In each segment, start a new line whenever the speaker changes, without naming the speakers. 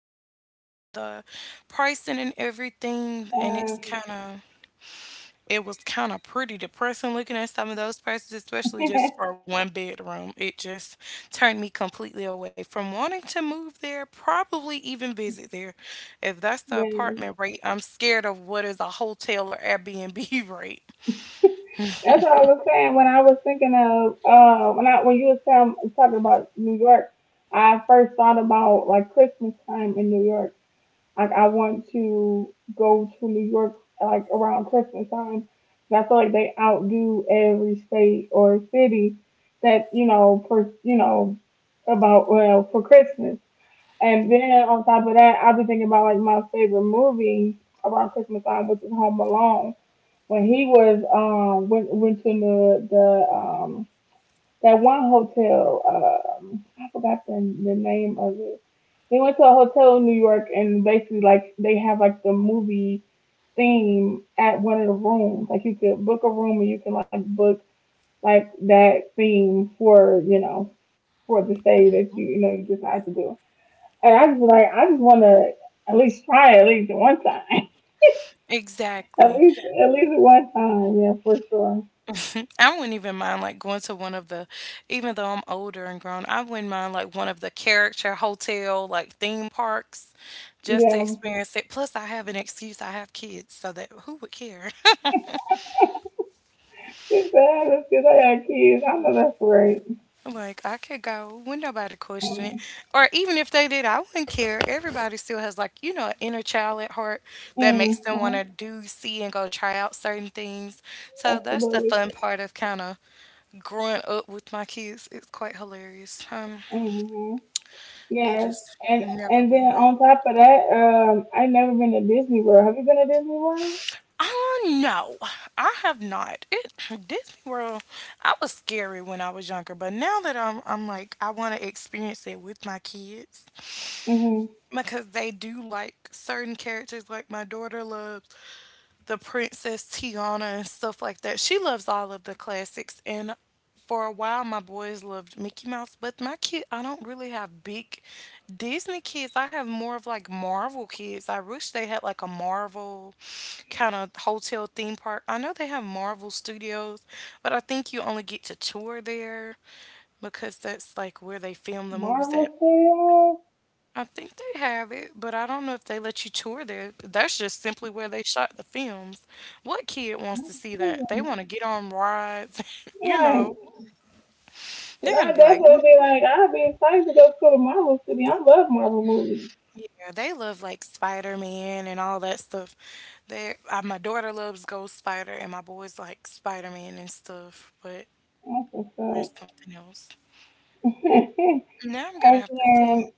New York and the pricing and everything. And
Um,
it's kind of, it was kind of pretty depressing looking at some of those prices, especially just for one bedroom. It just turned me completely away from wanting to move there, probably even visit there. If that's the
yeah.
apartment rate, I'm scared of what is a hotel or Airbnb rate.
That's what I was saying when I was thinking of when you was talking about New York. I first thought about like Christmas time in New York. Like I want to go to New York like around Christmas time. I feel like they outdo every state or city that you know for about well for Christmas. And then on top of that, I'll be thinking about like my favorite movie around Christmas time, which is Home Alone when he was went to the that one hotel. I forgot the name of it. They went to a hotel in New York, and basically like they have like the movie theme at one of the rooms. Like you could book a room and you can like book like that theme for for the stay that you decide to do. And I just want to at least try it at least one time. at
Exactly.
least at least one time, yeah, for sure.
I wouldn't even mind like going to even though I'm older and grown, I wouldn't mind like one of the character hotel like theme parks just to
Yeah.
experience it. Plus, I have an excuse. I have kids, so that who would care?
She said, it's because I got kids. I know that's right.
Like I could go when nobody question it,
Mm-hmm.
or even if they did, I wouldn't care. Everybody still has like an inner child at heart that makes them want
Mm-hmm.
to do, see, and go try out certain things. So that's the
Absolutely.
fun part of kind of growing up with my kids. It's quite hilarious.
Mm-hmm.
It
Yes.
is
And
never
and then
boring.
on top of that, I never been to Disney World. Have you been to Disney World?
Uh, no, I have not. It Disney World. I was scary when I was younger, but now that I'm like, I want to experience it with my kids
Mm-hmm.
because they do like certain characters. Like my daughter loves the Princess Tiana and stuff like that. She loves all of the classics. And for a while, my boys loved Mickey Mouse, but my kid, I don't really have big Disney kids. I have more of like Marvel kids. I wish they had like a Marvel kind of hotel theme park. I know they have Marvel Studios, but I think you only get to tour there because that's like where they film the movies
Marvel
at. I think they have it, but I don't know if they let you tour there. That's just simply where they shot the films. What kid wants to see that? They
Studios.
want to get on rides, you
Like,
know. They're gonna be
that's
like,
what
"Mm,
I'd be like. I'd be excited to go to the Marvel Studio. I love Marvel movies.
yeah, they love like Spider Man and all that stuff. They, my daughter loves Ghost Spider, and my boys like Spider Man and stuff. But
That's what's up.
there's something else. Now I'm gonna
and
have to see.
then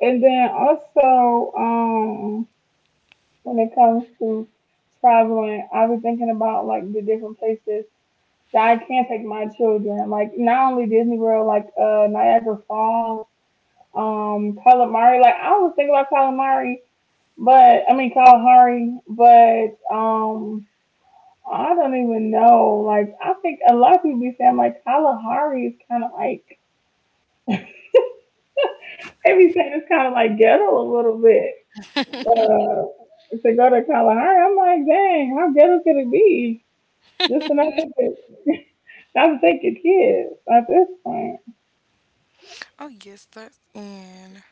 and then also, when it comes to traveling, I was thinking about like the different places that I can take my children. Like not only Disney World, like Niagara Falls, Calamari. Like I was thinking about Calamari, but I mean Kalahari, but I don't even know. Like I think a lot of people be saying like Kalahari is kinda like they be saying it's kinda like ghetto a little bit. Uh to go to Kalahari, I'm like, dang, how ghetto could it be? Just enough to not take it, not to take kids at this point.
Oh yes, that's in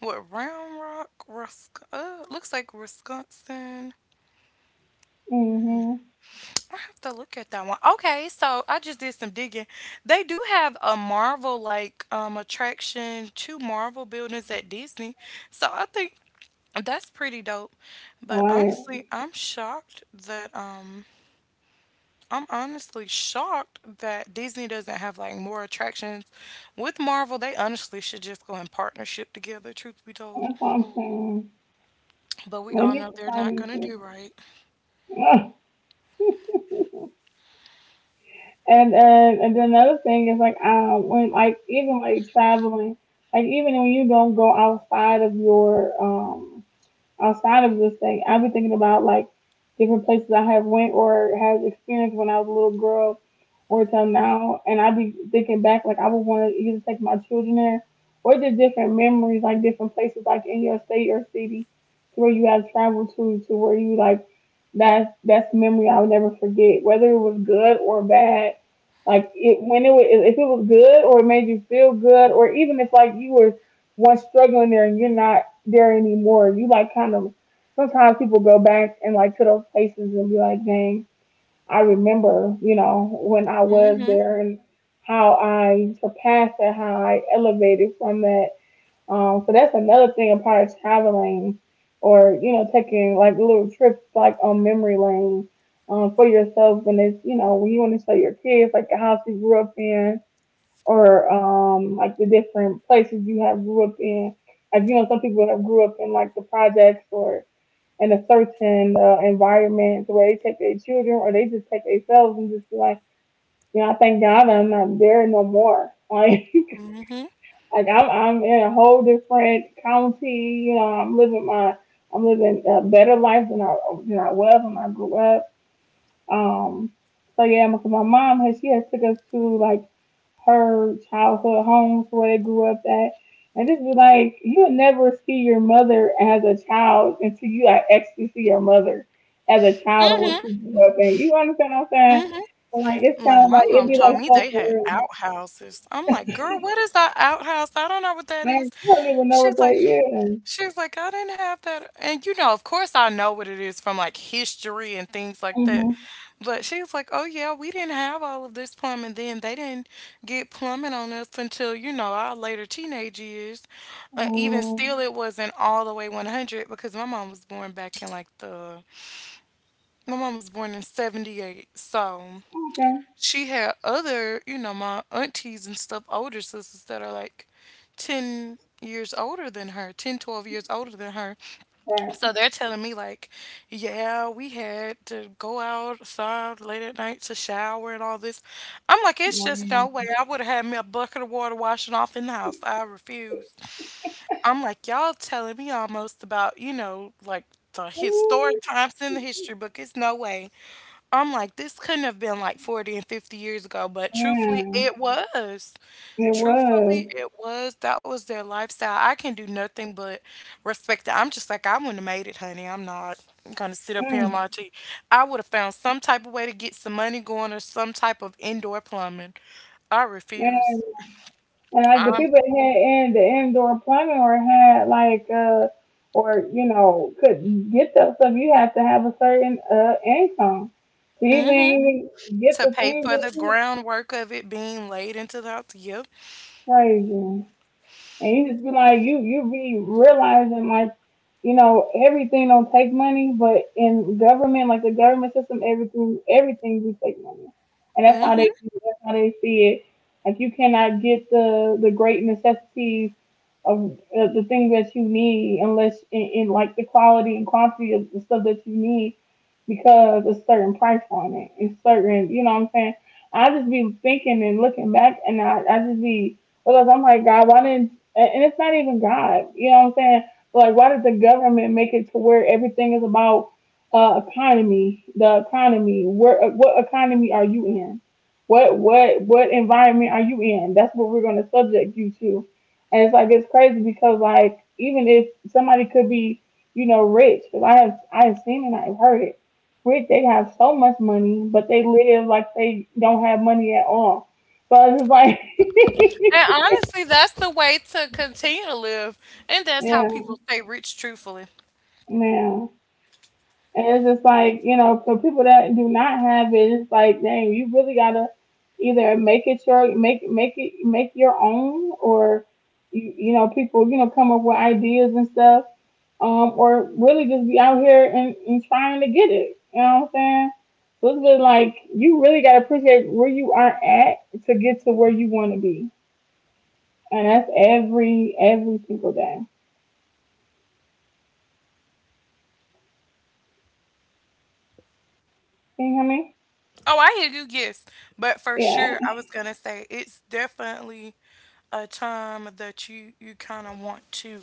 what Round Rock, Rusk. Looks like Wisconsin.
Mhm.
I have to look at that one. Okay, so I just did some digging. They do have a Marvel like attraction, two Marvel buildings at Disney. So I think that's pretty dope. But
Right.
honestly, I'm honestly shocked that Disney doesn't have like more attractions with Marvel. They honestly should just go in partnership together, truth be told.
That's what I'm saying.
But we
They
all
need
know
to
they're
find
not
these
gonna do
people.
right.
Ugh. And then another thing is like when like even like traveling, like even when you don't go outside of your outside of this thing. I've been thinking about like different places I have went or has experienced when I was a little girl or till now, and I'd be thinking back like I would want to either take my children there or just different memories, like different places, like in your state or city, to where you have traveled to where you like that's memory I'll never forget, whether it was good or bad. Like it when it was, if it was good or it made you feel good, or even if like you were once struggling there and you're not there anymore, you like kind of sometimes people go back and like to those places and be like, dang, I remember, you know, when I was
Mhm.
there and how I surpassed that, how I elevated from that. So that's another thing a part of traveling or, you know, taking like little trips like on memory lane for yourself when it's, you know, when you want to show your kids like the house you grew up in or like the different places you have grew up in. Like you know, some people have grew up in like the projects or in a certain environment to where they take their children or they just take themselves and just be like, you know, I thank God I'm not there no more. Like,
Mhm.
I'm in a whole different county. You know, I'm living a better life than I was when I grew up. Um, so yeah, my mom has she has took us to like her childhood homes where they grew up at. And just be like, you'll never see your mother as a child until you like, actually see your mother as a child or what
Mhm.
she grew up in. You understand what I'm saying?
Mhm.
So, like, it's
Like
kind of
my
like,
mom
it'd be
told
like
me
stuff
they
for
had
real.
outhouses. I'm like, girl, what is that outhouse? I don't know what that is.
Like, I don't even know what
She's
that
like,
is.
she's like, I didn't have that. And you know, of course, I know what it is from like history and things like that.
Mm-hmm.
But she's like, oh yeah, we didn't have all of this plumbing then. They didn't get plumbing on us until you know our later teenage years. Even still,
Um,
it wasn't all the way 100 because my mom was born in 78, so
okay.
she had other, you know, my aunties and stuff, older sisters that are like 10 years older than her, 10, 12 years older than her. So
Right.
they're telling me, like, yeah, we had to go outside late at night to shower and all this. I'm like, it's just no way.
Mm.
I would have had me a bucket of water washing off in the house. I refuse. I'm like, y'all telling me almost about, you know, like the historic times in the history book. It's no way. I'm like, this couldn't have been like 40 and 50 years ago, but truthfully, it
Mm,
was.
it was.
Truthfully, it was. That was their lifestyle. I can do nothing but respect it. I'm just like, I wouldn't have made it, honey. I'm not gonna sit up here and lie
Mm.
to you. I would have found some type of way to get some money going or some type of indoor plumbing. I
Yeah.
refuse.
And like the
I'm
people that had in the indoor plumbing or had like or you know could get that stuff, you have to have a certain income to
hmm
even get
to
the
pay
things
for
that
the
you
groundwork of it being laid into the house. Yep.
crazy. And you just be like, you be realizing like, you know, everything don't take money, but in government, like the government system, everything do take money, and that's how they
Mm-hmm.
that's how they see it. Like you cannot get the great necessities of the things that you need unless in like the quality and quantity of the stuff that you need because a certain price on it. It's certain, you know what I'm saying? I just be thinking and looking back, and I just be, because I'm like, God, why didn't and it's not even God. You know what I'm saying? But like, why did the government make it to where everything is about economy? The economy. Where? What economy are you in? What? What? What environment are you in? That's what we're going to subject you to. And it's like it's crazy because like even if somebody could be you know rich, because I have seen and I've heard it. Rich, they have so much money, but they live like they don't have money at all. So it's just like,
And honestly, that's the way to continue to live. And that's how
yeah,
people stay rich, truthfully.
man. And it's just like, you know, for people that do not have it, it's like, dang, you really gotta either make it make your own or you know, people, you know, come up with ideas and stuff. Or really just be out here and, trying to get it. You know what I'm saying? So it's been like you really gotta appreciate where you are at to get to where you wanna be. And that's every single day. Can you hear me?
Oh, I hear you, yes. But for
Yeah.
sure, I was going to say it's definitely a time that you kind of want to,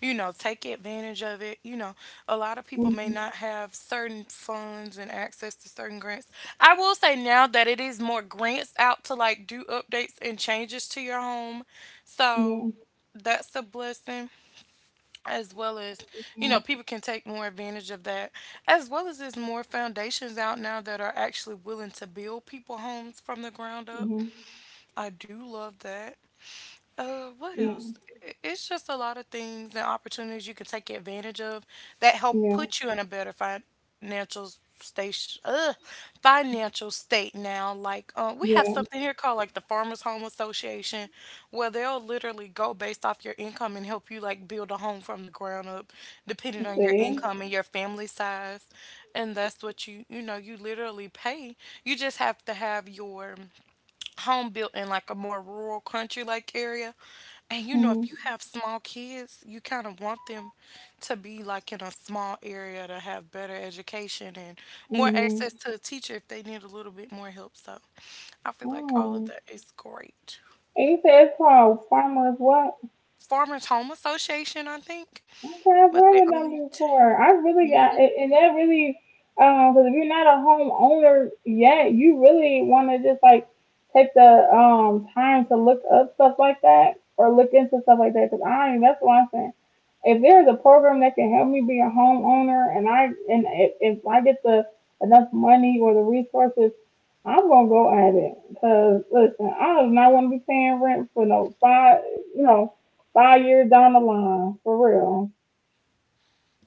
you know, take advantage of it. You know, a lot of people may
Hmm.
not have certain funds and access to certain grants. I will say now that it is more grants out to like do updates and changes to your home.
Yeah.
So that's a blessing, as well as you know people can take more advantage of that, as well as there's more foundations out now that are actually willing to build people homes from the ground up. I do love that. What else? It's just a lot of things and opportunities you can take advantage of that help
Hmm.
put you in a better station, uh, financial state now. Like, we have
Yeah,
something here called like the Farmers Home Association, where they'll literally go based off your income and help you like build a home from the ground up,
I
depending on your
see.
income and your family size. And that's what you know, you literally pay. You just have to have your home built in like a more rural country like area. And you know, if you
Mm-hmm.
have small kids, you kind of want them to be like in a small area to have better education and more access
Mm-hmm.
to a teacher if they need a little bit more help. So I feel like all of
Oh.
that is great.
And you said it's called Farmers what?
Farmers Home Association, I think,
Okay, I've
but
heard of them before. I really
t-
got, and that really, because if you're not a homeowner yet, you really want to just like take the time to look up stuff like that or look into stuff like that. Because I, that's what I'm saying. If there's a program that can help me be a homeowner, and I and if I get the enough money or the resources, I'm gonna go at it. Cause listen, I do not want to be paying rent for no five, you know, 5 years down the line for real.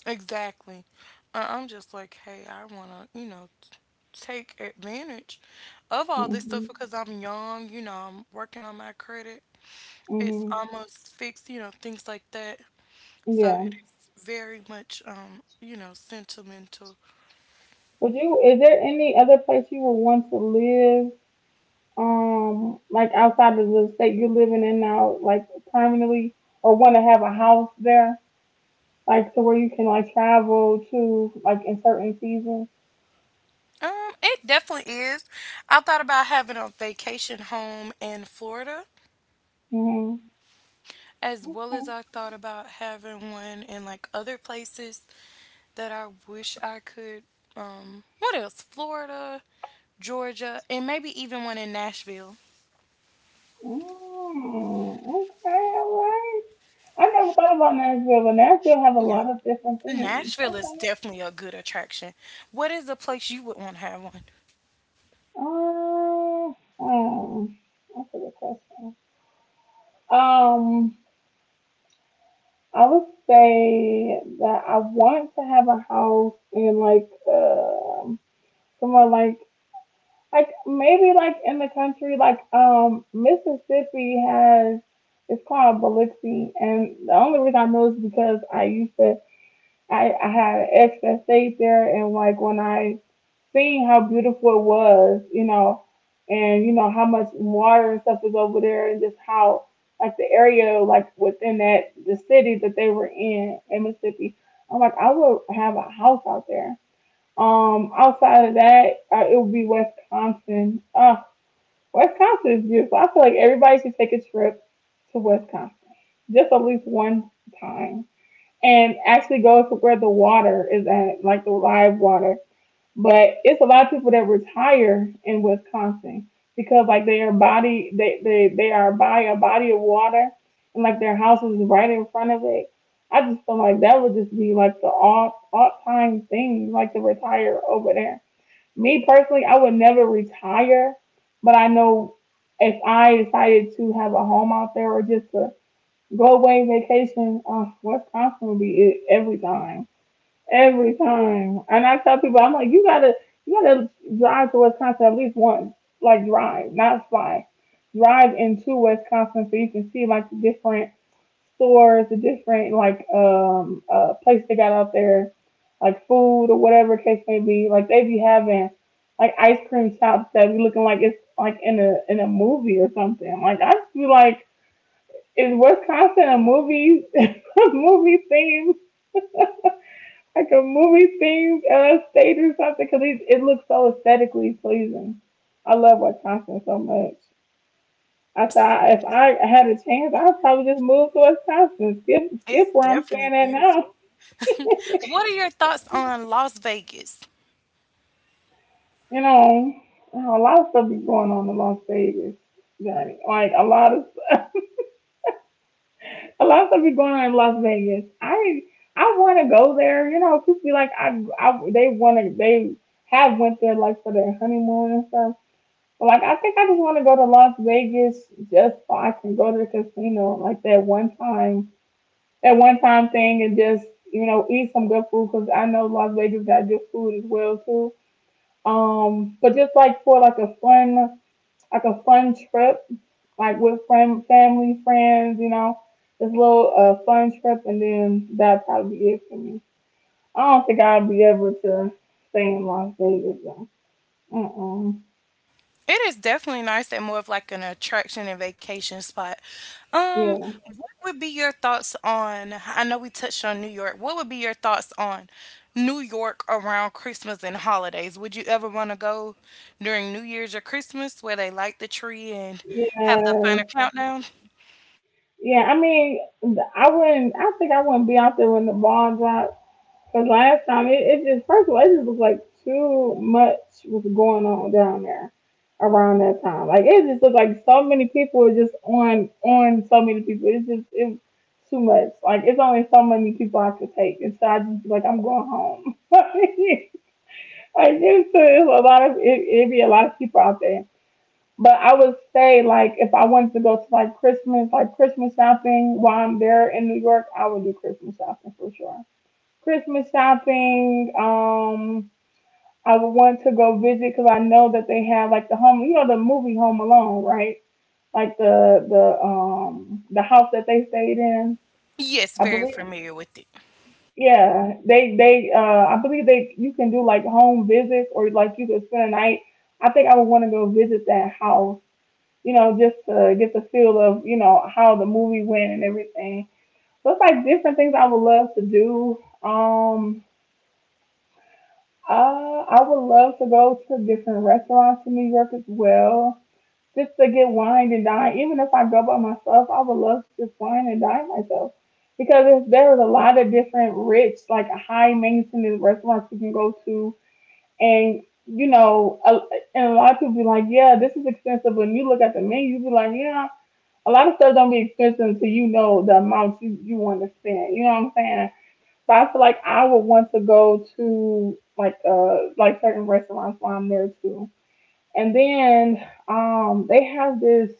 exactly. I'm just like, hey, I wanna, take advantage of all this stuff
Mhm.
because I'm young. You know, I'm working on my credit. It's
Mhm.
almost fixed, you know, things like that. So
Yeah.
it is very much, you know, sentimental.
Would you? Is there any other place you would want to live? Like outside of the state you're living in now, like permanently, or want to have a house there, like to where you can like travel to, like in certain seasons.
It definitely is. I thought about having a vacation home in Florida,
Mhm.
as well as
Okay.
I thought about having one in like other places that I wish I could. What else? Florida, Georgia, and maybe even one in Nashville.
Mm, okay. All right. I never thought about Nashville, but Nashville have a
Yeah,
lot of different things.
Nashville is
Okay.
definitely a good attraction. What is a place you would want to have one?
Um. um that's a good question. Um. I would say that I want to have a house in like somewhere like maybe like in the country like Mississippi has it's called Biloxi and the only reason I know is because I used to I had an ex that stayed there and like when I seeing how beautiful it was, you know, and you know how much water and stuff was over there, and just how like the area like within that the city that they were in Mississippi. I'm like, I would have a house out there. Outside of that, it would be Wisconsin. Wisconsin is beautiful. I feel like everybody should take a trip to Wisconsin, just at least one time, and actually go to where the water is at, like the live water, but it's a lot of people that retire in Wisconsin because like they are by a body of water and like their house is right in front of it. I just feel like that would just be like the all time thing, like to retire over there. Me personally, I would never retire, but I know if I decided to have a home out there or just to go away vacation, Wisconsin would be it every time. Every time. And I tell people, I'm like, you gotta drive to Wisconsin at least once. Like drive, not fly. Drive into Wisconsin so you can see like the different stores, the different like places they got out there, like food or whatever case may be. Like they be having like ice cream shops that be looking like it's like in a movie or something. Like I feel like is Wisconsin a movie movie theme like a movie themed stage or something because it looks so aesthetically pleasing. I love Wisconsin so much. I thought if I had a chance, I'd probably just move to Wisconsin, skip
It's
skip where I'm
definitely
staying at now.
beautiful. What are your thoughts on Las Vegas?
You know, you know, a lot of stuff be going on in Las Vegas, Johnny. Like a lot of stuff, a lot of stuff be going on in Las Vegas. I want to go there. You know, people be like, I they want to they have went there like for their honeymoon and stuff. Like I think I just want to go to Las Vegas just so I can go to the casino like that one time thing, and just you know eat some good food because I know Las Vegas got good food as well too. But just like for like a fun trip, like with family, friends, you know, this little fun trip, and then that'd probably be it for me. I don't think I'd be able to stay in Las Vegas though. Uh-uh.
It is definitely nice and more of like an attraction and vacation spot. Um,
Yeah.
what would be your thoughts on? I know we touched on New York. What would be your thoughts on New York around Christmas and holidays? Would you ever want to go during New Year's or Christmas where they light the tree and have the final
Yeah.
countdown?
Yeah, I mean, I wouldn't. I think I wouldn't be out there when the ball dropped. Cause last time, it just first of all, it just was like too much was going on down there around that time. Like it just looked like so many people were just on so many people. It was too much. Like it's only so many people I could take, and so I just be like I'm going home. Like it's a lot of it. It'd be a lot of people out there. But I would say, like, if I wanted to go to like Christmas shopping while I'm there in New York, I would do Christmas shopping for sure. Christmas shopping. I would want to go visit because I know that they have like the home, you know, the movie Home Alone, right? Like the house that they stayed in.
Yes,
I
very
believe,
familiar with it.
yeah, they I believe they you can do like home visits or like you could spend a night. I think I would want to go visit that house, you know, just to get the feel of, you know, how the movie went and everything. So it's like different things I would love to do. Uh, I would love to go to different restaurants in New York as well, just to get wine and dine. Even if I go by myself, I would love to just wine and dine myself because there is a lot of different rich, like high maintenance restaurants you can go to, and you know, and a lot of people be like, yeah, this is expensive. When you look at the menu, you be like, yeah, a lot of stuff don't be expensive until you know the amount you want to spend. You know what I'm saying? So I feel like I would want to go to like certain restaurants while I'm there too. And then they have this,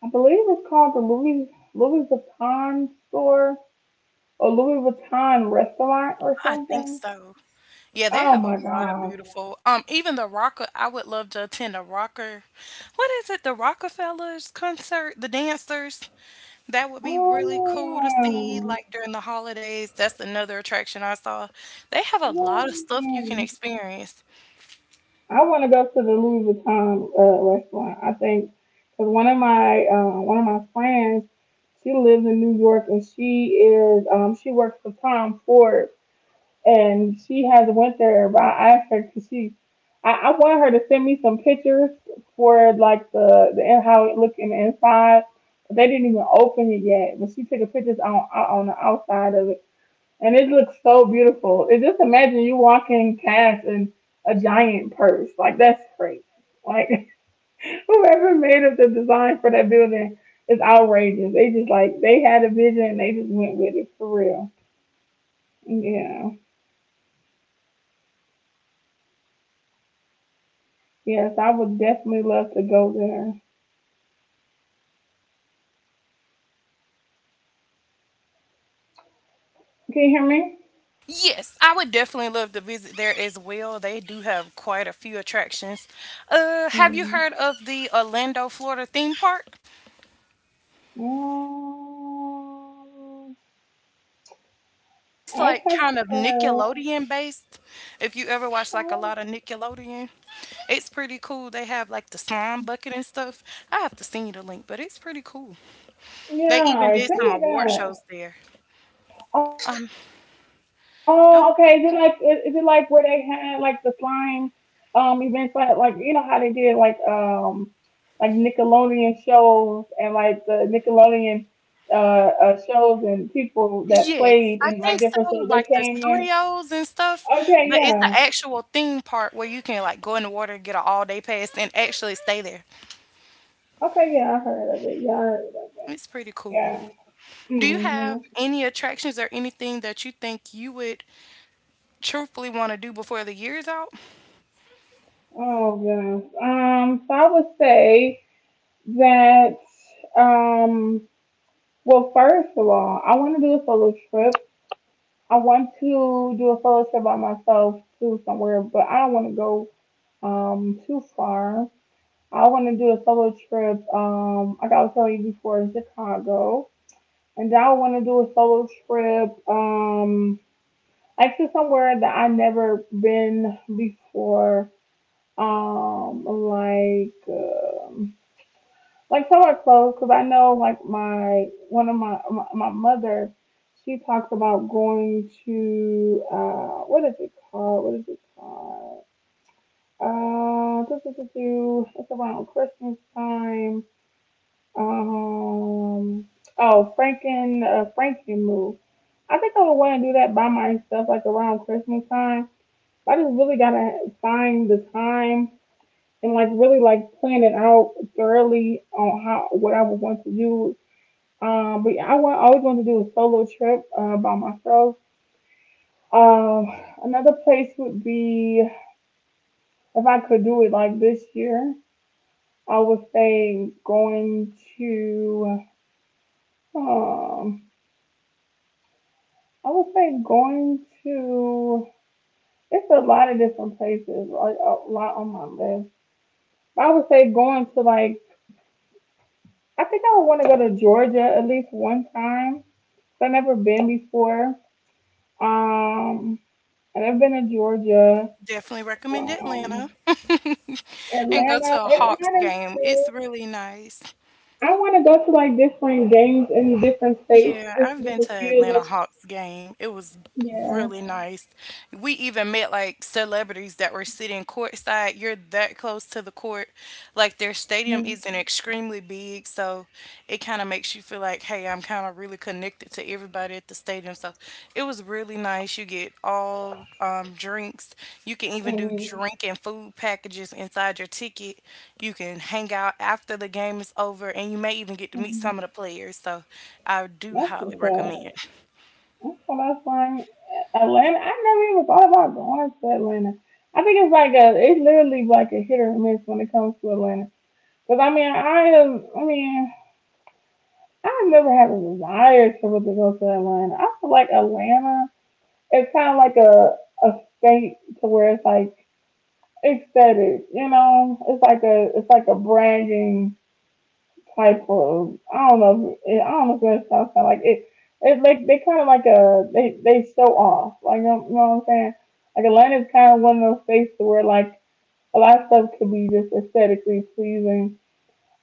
I believe it's called the Louis Vuitton store or Louis Vuitton restaurant or
I think
something.
so. Yeah, they
Oh
have a
my
lot of
gosh.
beautiful. Even the Rocker, I would love to attend a Rocker. What is it? The Rockefellers concert, the dancers. That would be really cool to see,
Oh,
like during the holidays. That's another attraction I saw. They have a lot of stuff you can
yeah.
experience.
I want to go to the Louis Vuitton restaurant. I think because one of my friends, she lives in New York and she is she works for Tom Ford and she has went there. But I asked her because I want her to send me some pictures for like the how it looked in the inside. But they didn't even open it yet, but she took a pictures on the outside of it and it looks so beautiful. It just imagine you walking past and a giant purse. Like that's crazy. Like whoever made up the design for that building is outrageous. They just like they had a vision, they just went with it for real. Yeah. Yes, I would definitely love to go there. Can you hear me?
Yes, I would definitely love to visit there as well. They do have quite a few attractions. Have you
Mm.
heard of the Orlando, Florida theme park?
Um,
It's
I
like
have
kind of
heard.
Nickelodeon based. If you ever watch like a
Um,
lot of Nickelodeon, it's pretty cool. They have like the slime bucket and stuff. I have to send you the link, but it's pretty cool. They
yeah,
even
I
did some
think
award
that.
shows there.
Oh, okay. Is it like is it like where
Don't.
they had like the slime events like you know how they did like Nickelodeon shows and like the Nickelodeon shows and people that
Yes,
played
I
in like
think
different
so,
shows they
like the
came there.
studios and stuff,
Okay,
but it's an
yeah.
actual theme park where you can like go in the water, get an all day pass, and actually stay there.
Okay, yeah, I heard of it. Yeah, I heard of it.
It's pretty cool.
Yeah.
Do you
Hmm.
have any attractions or anything that you think you would truthfully want to do before the year is out?
Oh gosh. So I would say that. um. Well, first of all, I want to do a solo trip. I want to do a solo trip by myself to somewhere, but I don't want to go too far. I want to do a solo trip. Like I was telling you before, in Chicago, and then I want to do a solo trip. Like to somewhere that I never been before. Um, like. um like somewhat close because I know like my one of my my, my mother, she talks about going to what is it called, what is it called, do, do, do, do. It's around Christmas time. um oh, Franken move. I think I would want to do that by myself like around Christmas time. I just really gotta find the time and like really like plan it out thoroughly on how what I would want to do. But yeah, I always want to do a solo trip by myself. Um, Another place would be if I could do it like this year, I would say going to. Um, I would say going to. It's a lot of different places, like a lot on my list. I would say going to like. I think I would want to go to Georgia at least one time. I've never been before. Um, and I've been to Georgia.
Definitely recommend Atlanta
Um,
and go to a Hawks
Atlanta's
game. It's
cool.
really nice.
I want to go to like different games in different states
Yeah,
just to
I've
get
been
the
to
feel
Atlanta
of.
Hawks game. It was
Yeah.
really nice. We even met like celebrities that were sitting courtside. You're that close to the court. Like their stadium
Mm-hmm.
isn't extremely big, so it kind of makes you feel like, hey, I'm kind of really connected to everybody at the stadium. So it was really nice. You get all drinks. You can even do drink and food packages inside your ticket. You can hang out after the game is over, and you may even get to meet
Hmm.
some of the players. So I do
That's
highly
what's up.
recommend.
That's what I find. Atlanta. I never even thought about going to Atlanta. I think it's like a. It's literally like a hit or miss when it comes to Atlanta. Cause I mean, I am. I mean, I never had a desire to really go to Atlanta. I feel like Atlanta. It's kind of like a state to where it's like aesthetic. You know, it's like a branding type of. I don't know. If it, I don't know if that sounds kind of like it. It like they kind of like a they show off. Like you know what I'm saying. Like Atlanta is kind of one of those states where like a lot of stuff could be just aesthetically pleasing.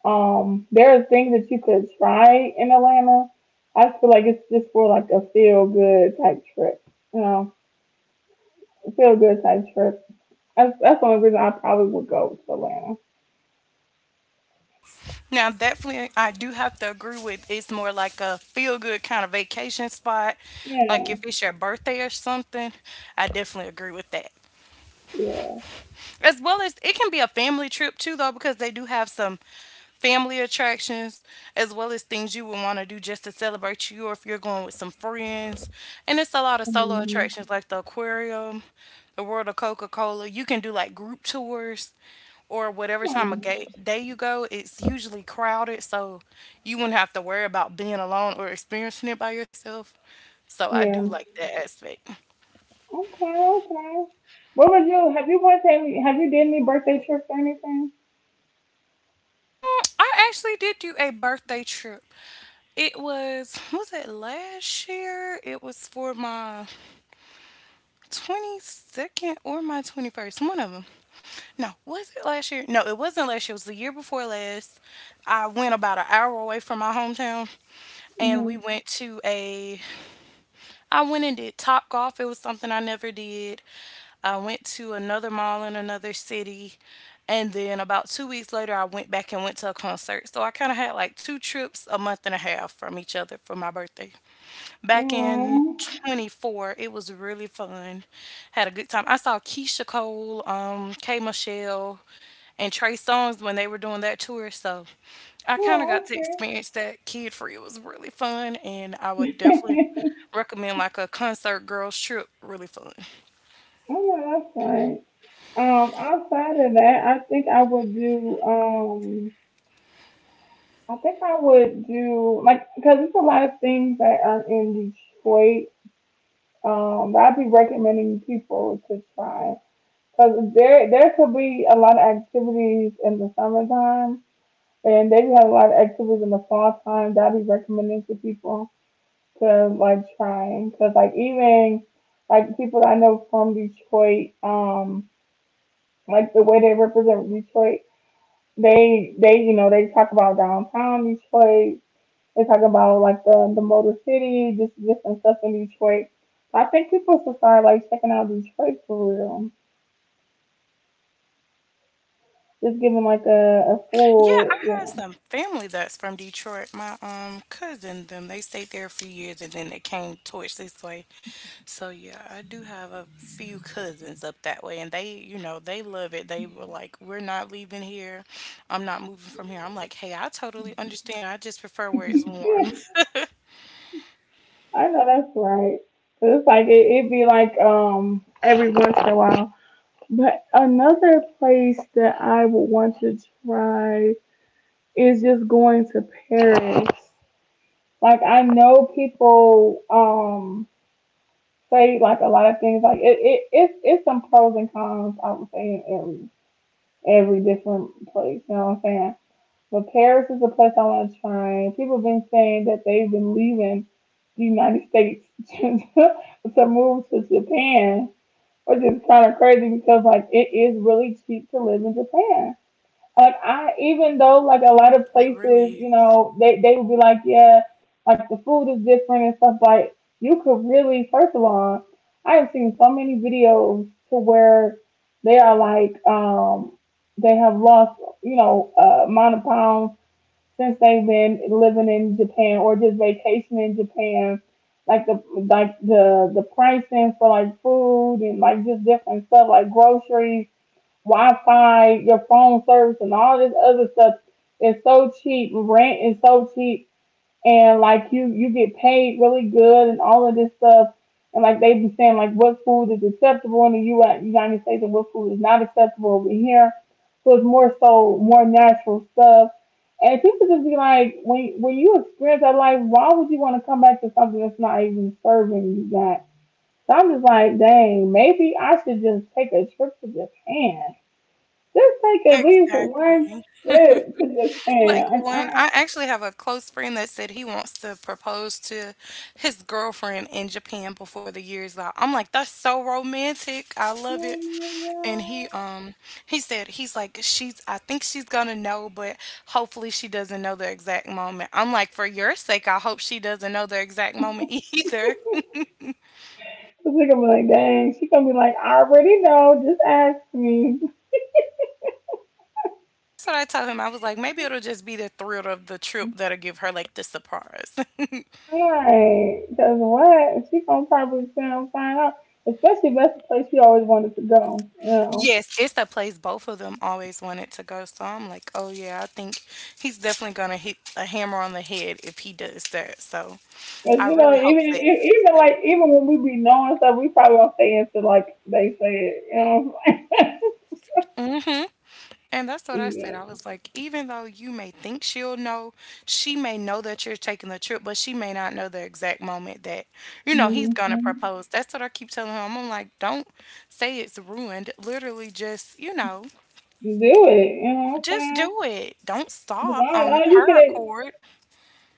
There are things that you could try in Atlanta. I feel like it's just for like a feel good type trip. You know, a feel good type trip. That's the only reason I probably would go to Atlanta.
Now, definitely, I do have to agree with it's more like a feel good kind of vacation spot. Like if
Yeah.
it's your birthday or something, I definitely agree with that.
Yeah.
As well as it can be a family trip too, though, because they do have some family attractions as well as things you would want to do just to celebrate you or if you're going with some friends. And it's a lot of solo
Hmm.
attractions like the aquarium, the World of Coca Cola. You can do like group tours or whatever time of day you go. It's usually crowded, so you wouldn't have to worry about being alone or experiencing it by yourself. So I do
Yeah.
like that aspect.
Okay. Okay. What was you? Have you went to any? Have you did any birthday trips or anything?
I actually did do a birthday trip. It was it last year? It was for my 22nd or my 21st, one of them. No, was it last year? No, it wasn't last year. It was the year before last. I went about an hour away from my hometown and
Mm-hmm.
we went to a I went and did Top Golf. It was something I never did. I went to another mall in another city. And then about 2 weeks later, I went back and went to a concert. So I kind of had like two trips 1 month and a half from each other for my birthday. Back in
Mm.
24, it was really fun. Had a good time. I saw Keisha Cole, K Michelle, and Trey Songz when they were doing that tour. So I kind of
Yeah.
got to
Okay.
experience that kid free. It was really fun. And I would definitely recommend like a concert girls trip, really fun.
I know that's right. Outside of that, I think I would do. I think I would do like because there's a lot of things that are in Detroit. That I'd be recommending people to try. But there could be a lot of activities in the summertime, and they have a lot of activities in the fall time that I'd be recommending to people to like trying. Cause like even like people that I know from Detroit, like the way they represent Detroit, they you know, they talk about downtown Detroit. They talk about like the Motor City, just different stuff in Detroit. I think people should start like checking out Detroit for real. Just giving like a
Yeah,
full,
I
you
had
know.
some family that's from Detroit. My cousin them, they stayed there a few years and then they came towards this way. So yeah, I do have a few cousins up that way and they, you know, they love it. They were like, we're not leaving here. I'm not moving from here. I'm like, hey, I totally understand. I just prefer where it's
Yeah,
warm.
I know that's right. 'Cause it's like it'd be like every once in a while. But another place that I would want to try is just going to Paris. Like I know people say like a lot of things. Like it's some pros and cons I would say in every different place. You know what I'm saying? But Paris is a place I want to try. People have been saying that they've been leaving the United States to, move to Japan, which is kind of crazy because like it is really cheap to live in Japan. Like I, even though like a lot of
It
places,
really
you
is.
know, they would be like, yeah, like the food is different and stuff. Like you could really, first of all, I have seen so many videos to where they are like, they have lost, you know, amount of pounds since they've been living in Japan or just vacationing in Japan. The pricing for like food and like just different stuff like groceries, Wi-Fi, your phone service, and all this other stuff is so cheap. Rent is so cheap and like you get paid really good and all of this stuff, and like they be saying like what food is acceptable in the U.S. United States and what food is not acceptable over here. So it's more so more natural stuff. And people just be like, when you experience that life, why would you want to come back to something that's not even serving you that? So I'm just like, dang, maybe I should just take a trip to Japan. Just take at least one
Exactly.
trip to
Like
Japan.
one, I actually have a close friend that said he wants to propose to his girlfriend in Japan before the year's out. I'm like, that's so romantic. I
And
love it. And he
I
um he said he's like she's I think she's gonna know, but hopefully she doesn't know the exact moment. I'm like, for your sake, I hope she doesn't know the exact moment either.
Cause she's gonna be like, dang, she gonna be like, I already know, just ask me.
That's what I told him. I was like, maybe it'll just be the thrill of the trip that'll give her like the surprise.
Right. Cause what? She gonna probably sound find out. Especially if that's the place she always wanted to go, you know.
Yes, it's that plays both of them always wanted to go, so I'm like, "Oh, yeah, I think he's definitely gonna hit a hammer on the head if he does that," so
But
I
you know,
really hope
even
that
e- even like even when we be knowing stuff, we probably won't say it until like they say it, you know.
and that's what I said, I was like, "Even though you may think she'll know, she may know that you're taking the trip, but she may not know the exact moment that, you know, he's
Yeah.
gonna
Hmm.
propose." That's what I keep telling him, I'm like, "Don't say it's ruined, literally just, you know,
Do it, you know what
just
I'm saying?
do it. Don't
Because
stop on
all you
her
can
accord."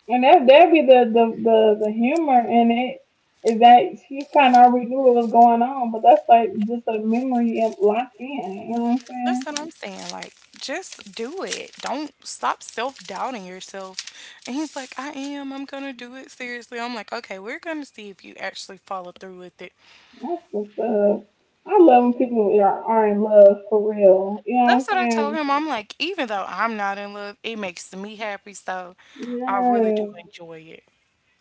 And that'd be the humor in it is that she kind of already knew what was going on, but that's like just a memory and locked in. You know what I'm
That's
saying?
what I'm saying. Like, just do it. Don't stop self doubting yourself. And he's like, I am. I'm going to do it seriously. I'm like, okay, we're going to see if you actually follow through with it.
That's what's up. I love when people are in love for real. You know
That's
what
what
I'm
I told
saying?
him. I'm like, even though I'm not in love, it makes me happy. So I really do
Yeah.
enjoy it.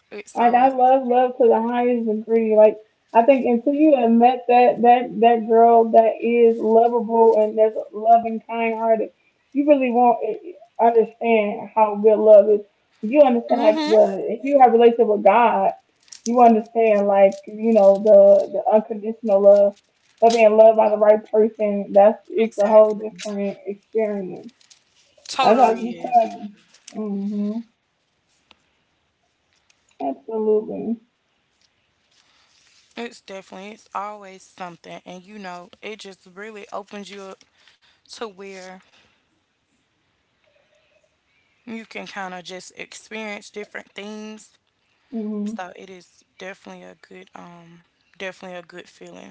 It's
Like I
always.
love love to the highest degree. Like I think until you have met that girl that is lovable and that's loving, kind hearted, you really won't understand how good love is. You understand like
Hmm.
the if you have a relationship with God, you understand like you know the unconditional love, of being loved by the right person. That's it's a whole
Exactly.
different experience. That's how
Totally is.
you Mm. Mhm. Absolutely.
It's definitely, it's always something. And you know, it just really opens you up to where you can kind of just experience different things.
Hmm.
So it is definitely a good, definitely a good feeling.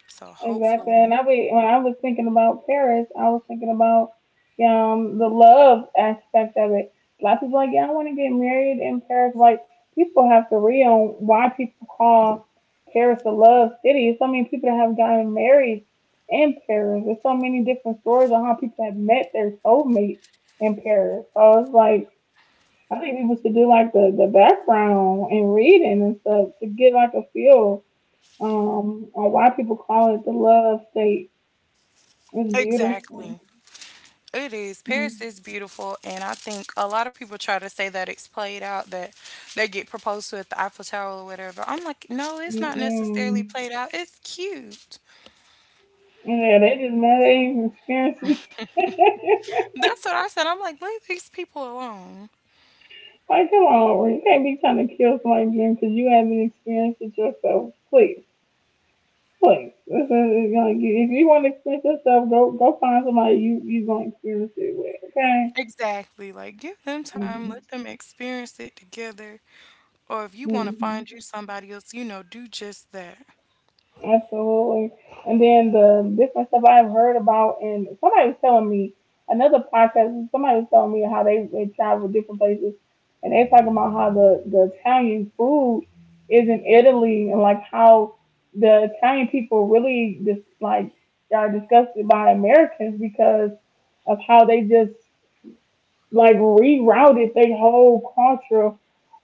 So
Exactly.
hopefully
And I be, when I was thinking about Paris, I was thinking about, yeah, the love aspect of it. A lot of people are like, yeah, I want to get married in Paris. Like people have to read on why people call Paris a love city. There's so many people that have gotten married in Paris. There's so many different stories on how people have met their soulmate in Paris. So it's like I think people should do like the background and reading and stuff to get like a feel, or why people call it the love state. It's beautiful.
exactly. It is. Paris
mm
is beautiful and I think a lot of people try to say that it's played out that they get proposed to at the Eiffel Tower or whatever. I'm like, no, it's
mm
not necessarily
mm.
played out. It's cute.
Yeah, they just mad they even experiencing.
That's what I said. I'm like, leave these people alone.
Like, come on, Aubrey. You can't be trying to kill somebody's dream because you haven't experienced it yourself. Please, please. It's gonna get, if you want to experience yourself, go go find somebody you gonna experience it with. Okay.
Exactly. Like give them time,
Mm-hmm.
let them experience it together. Or if you want to find you
Mm-hmm.
somebody else, you know, do just that.
Absolutely. And then the different stuff I've heard about, and somebody was telling me another podcast. Somebody was telling me how they travel different places, and they talking about how the Italian food is in Italy, and like how the Italian people really just like are disgusted by Americans because of how they just like rerouted their whole culture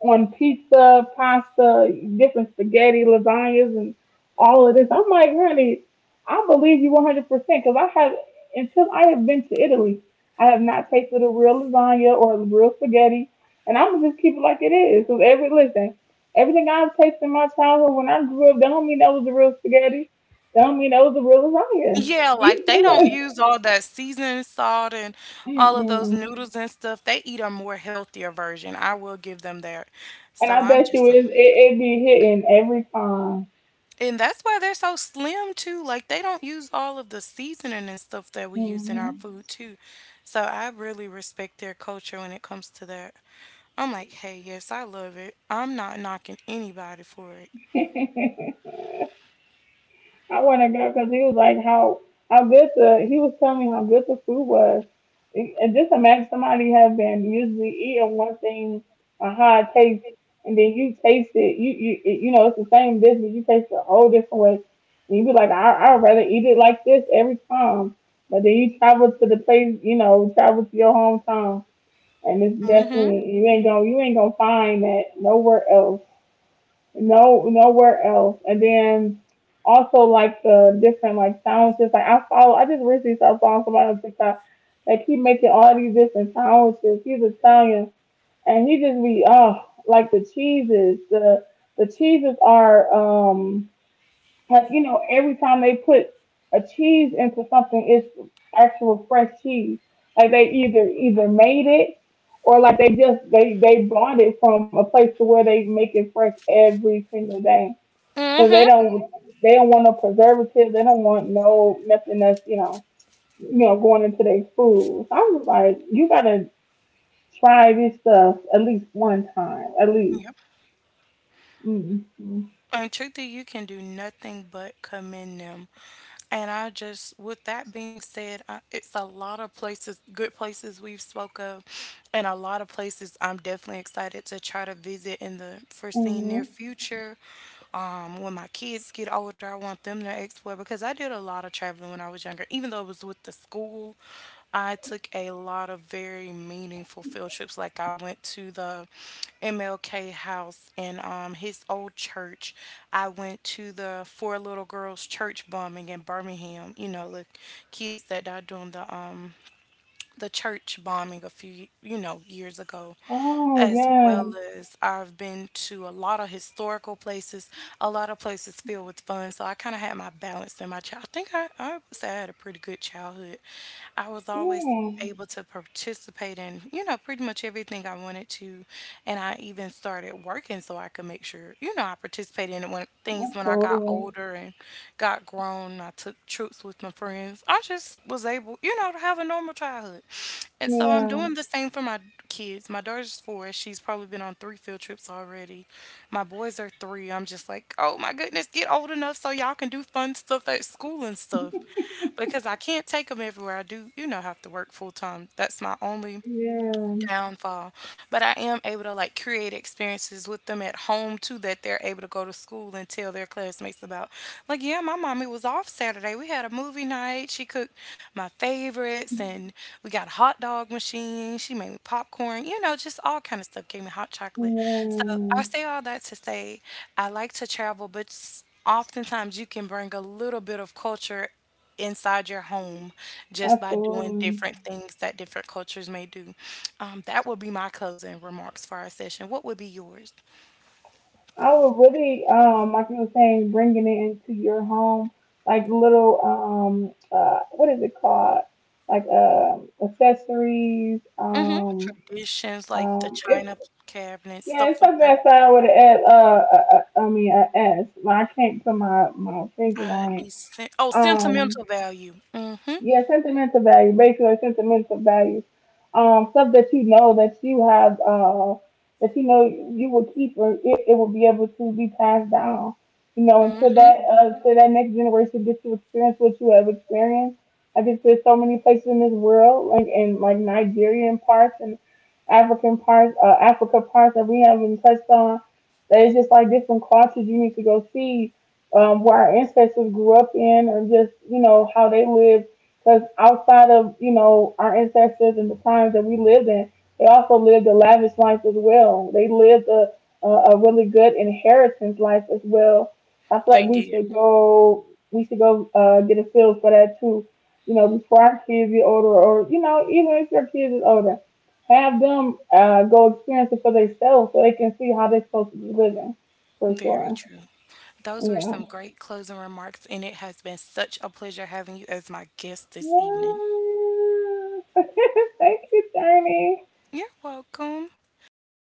on pizza, pasta, different spaghetti, lasagnas, and all of this. I'm like, honey, I believe you 100% because I have, until I have been to Italy, I have not tasted a real lasagna or a real spaghetti. And I'm gonna just keep it like it is. Because every, listen, everything I've tasted in my childhood when I grew up, that don't mean that was the real spaghetti. That don't mean that was the real lasagna.
Yeah,
You
like they don't use
sure?
all that seasoning salt and all of those
Mm-mm.
noodles and stuff. They eat a more healthier version. I will give them that.
And
So
I
I'm
bet you
just,
it be hitting every time.
and that's why they're so slim too. Like they don't use all of the seasoning and stuff that we use in our
Hmm.
food too. So I really respect their culture when it comes to that. I'm like, hey, yes, I love it. I'm not knocking anybody for it.
I want to go because he was like how good the he was telling me how good the food was. And just imagine somebody has been usually eating one thing, a high taste, and then you taste it. You know it's the same dish, but you taste it a whole different way. And you be like, I'd rather eat it like this every time. But then you travel to the place, you know, travel to your hometown and it's
Mm-hmm.
definitely you ain't gonna find that nowhere else. No nowhere else. And then also like the different like sound chips. Like I just recently started following somebody on TikTok that keep making all these different sound chips. He's Italian and he just be oh like the cheeses. The cheeses are um like, you know, every time they put a cheese into something, it's actual fresh cheese. Like they either made it or like they just they bought it from a place to where they make it fresh every single day. So
Mm-hmm.
they don't want no preservative. They don't want no nothing that's you know going into their food. So I was like, you gotta try this stuff at least one time, at least. Mm-hmm.
And truthfully, you can do nothing but commend them. And I just, with that being said, I, it's a lot of places, good places we've spoke of, and a lot of places I'm definitely excited to try to visit in the foreseen near
Mm-hmm.
future. When my kids get older, I want them to explore because I did a lot of traveling when I was younger, even though it was with the school. I took a lot of very meaningful field trips. Like I went to the MLK house and his old church. I went to the four little girls church bombing in Birmingham. You know, the kids that died during the church bombing a few, you know, years ago,
Oh
as
yeah,
well as I've been to a lot of historical places, a lot of places filled with fun. So I kind of had my balance in my child. I think I would say I had a pretty good childhood. I was always
yeah,
able to participate in, you know, pretty much everything I wanted to. And I even started working so I could make sure, you know, I participated in when things when I got
absolutely.
older and got grown. I took trips with my friends. I just was able, you know, to have a normal childhood. And so I'm
Yeah,
doing the same for my kids. My daughter's 4. She's probably been on 3 field trips already. My boys are 3. I'm just like, oh my goodness, get old enough so y'all can do fun stuff at school and stuff. Because I can't take them everywhere. I do, you know, have to work full time. That's my only
yeah,
downfall. But I am able to like create experiences with them at home too that they're able to go to school and tell their classmates about. Like, yeah, my mommy was off Saturday. We had a movie night. She cooked my favorites and we got a hot dog machine. She made me popcorn, you know, just all kind of stuff. Gave me hot chocolate. So I
yeah,
say all that to say I like to travel, but oftentimes you can bring a little bit of culture inside your home just by doing
absolutely.
different things that different cultures may do. That would be my closing remarks for our session. What would be yours?
I would really, like you were saying, bringing it into your home, like little, what is it called? Like, accessories.
Hmm. Traditions like the
It's
china cabinet,
yeah, it's
stuff like
something
that.
that started with an S. I mean, a S. Well, I can't put my finger on it.
Oh,
Um,
sentimental value. Mm-hmm.
Yeah, sentimental value, basically sentimental value. Stuff that you know that you have, that you know you will keep or it will be able to be passed down. You know, until
Mm-hmm.
till that next generation gets to experience what you have experienced. I guess there's so many places in this world, like in like Nigerian parts and African parts, Africa parts that we haven't touched on. That it's just like different cultures you need to go see, where our ancestors grew up in, or just you know how they lived, because outside of, you know, our ancestors and the times that we lived in, they also lived a lavish life as well. They lived a, a really good inheritance life as well. I feel like
They did.
we should go get a feel for that too. You know, before our kids get older, or you know, even if your kids is older, have them go experience it for themselves so they can see how they're supposed to be living, for
Very
sure.
true. Those were
Yeah.
some great closing remarks, and it has been such a pleasure having you as my guest this
Yeah.
evening.
Thank you, Journey.
You're welcome. Okay,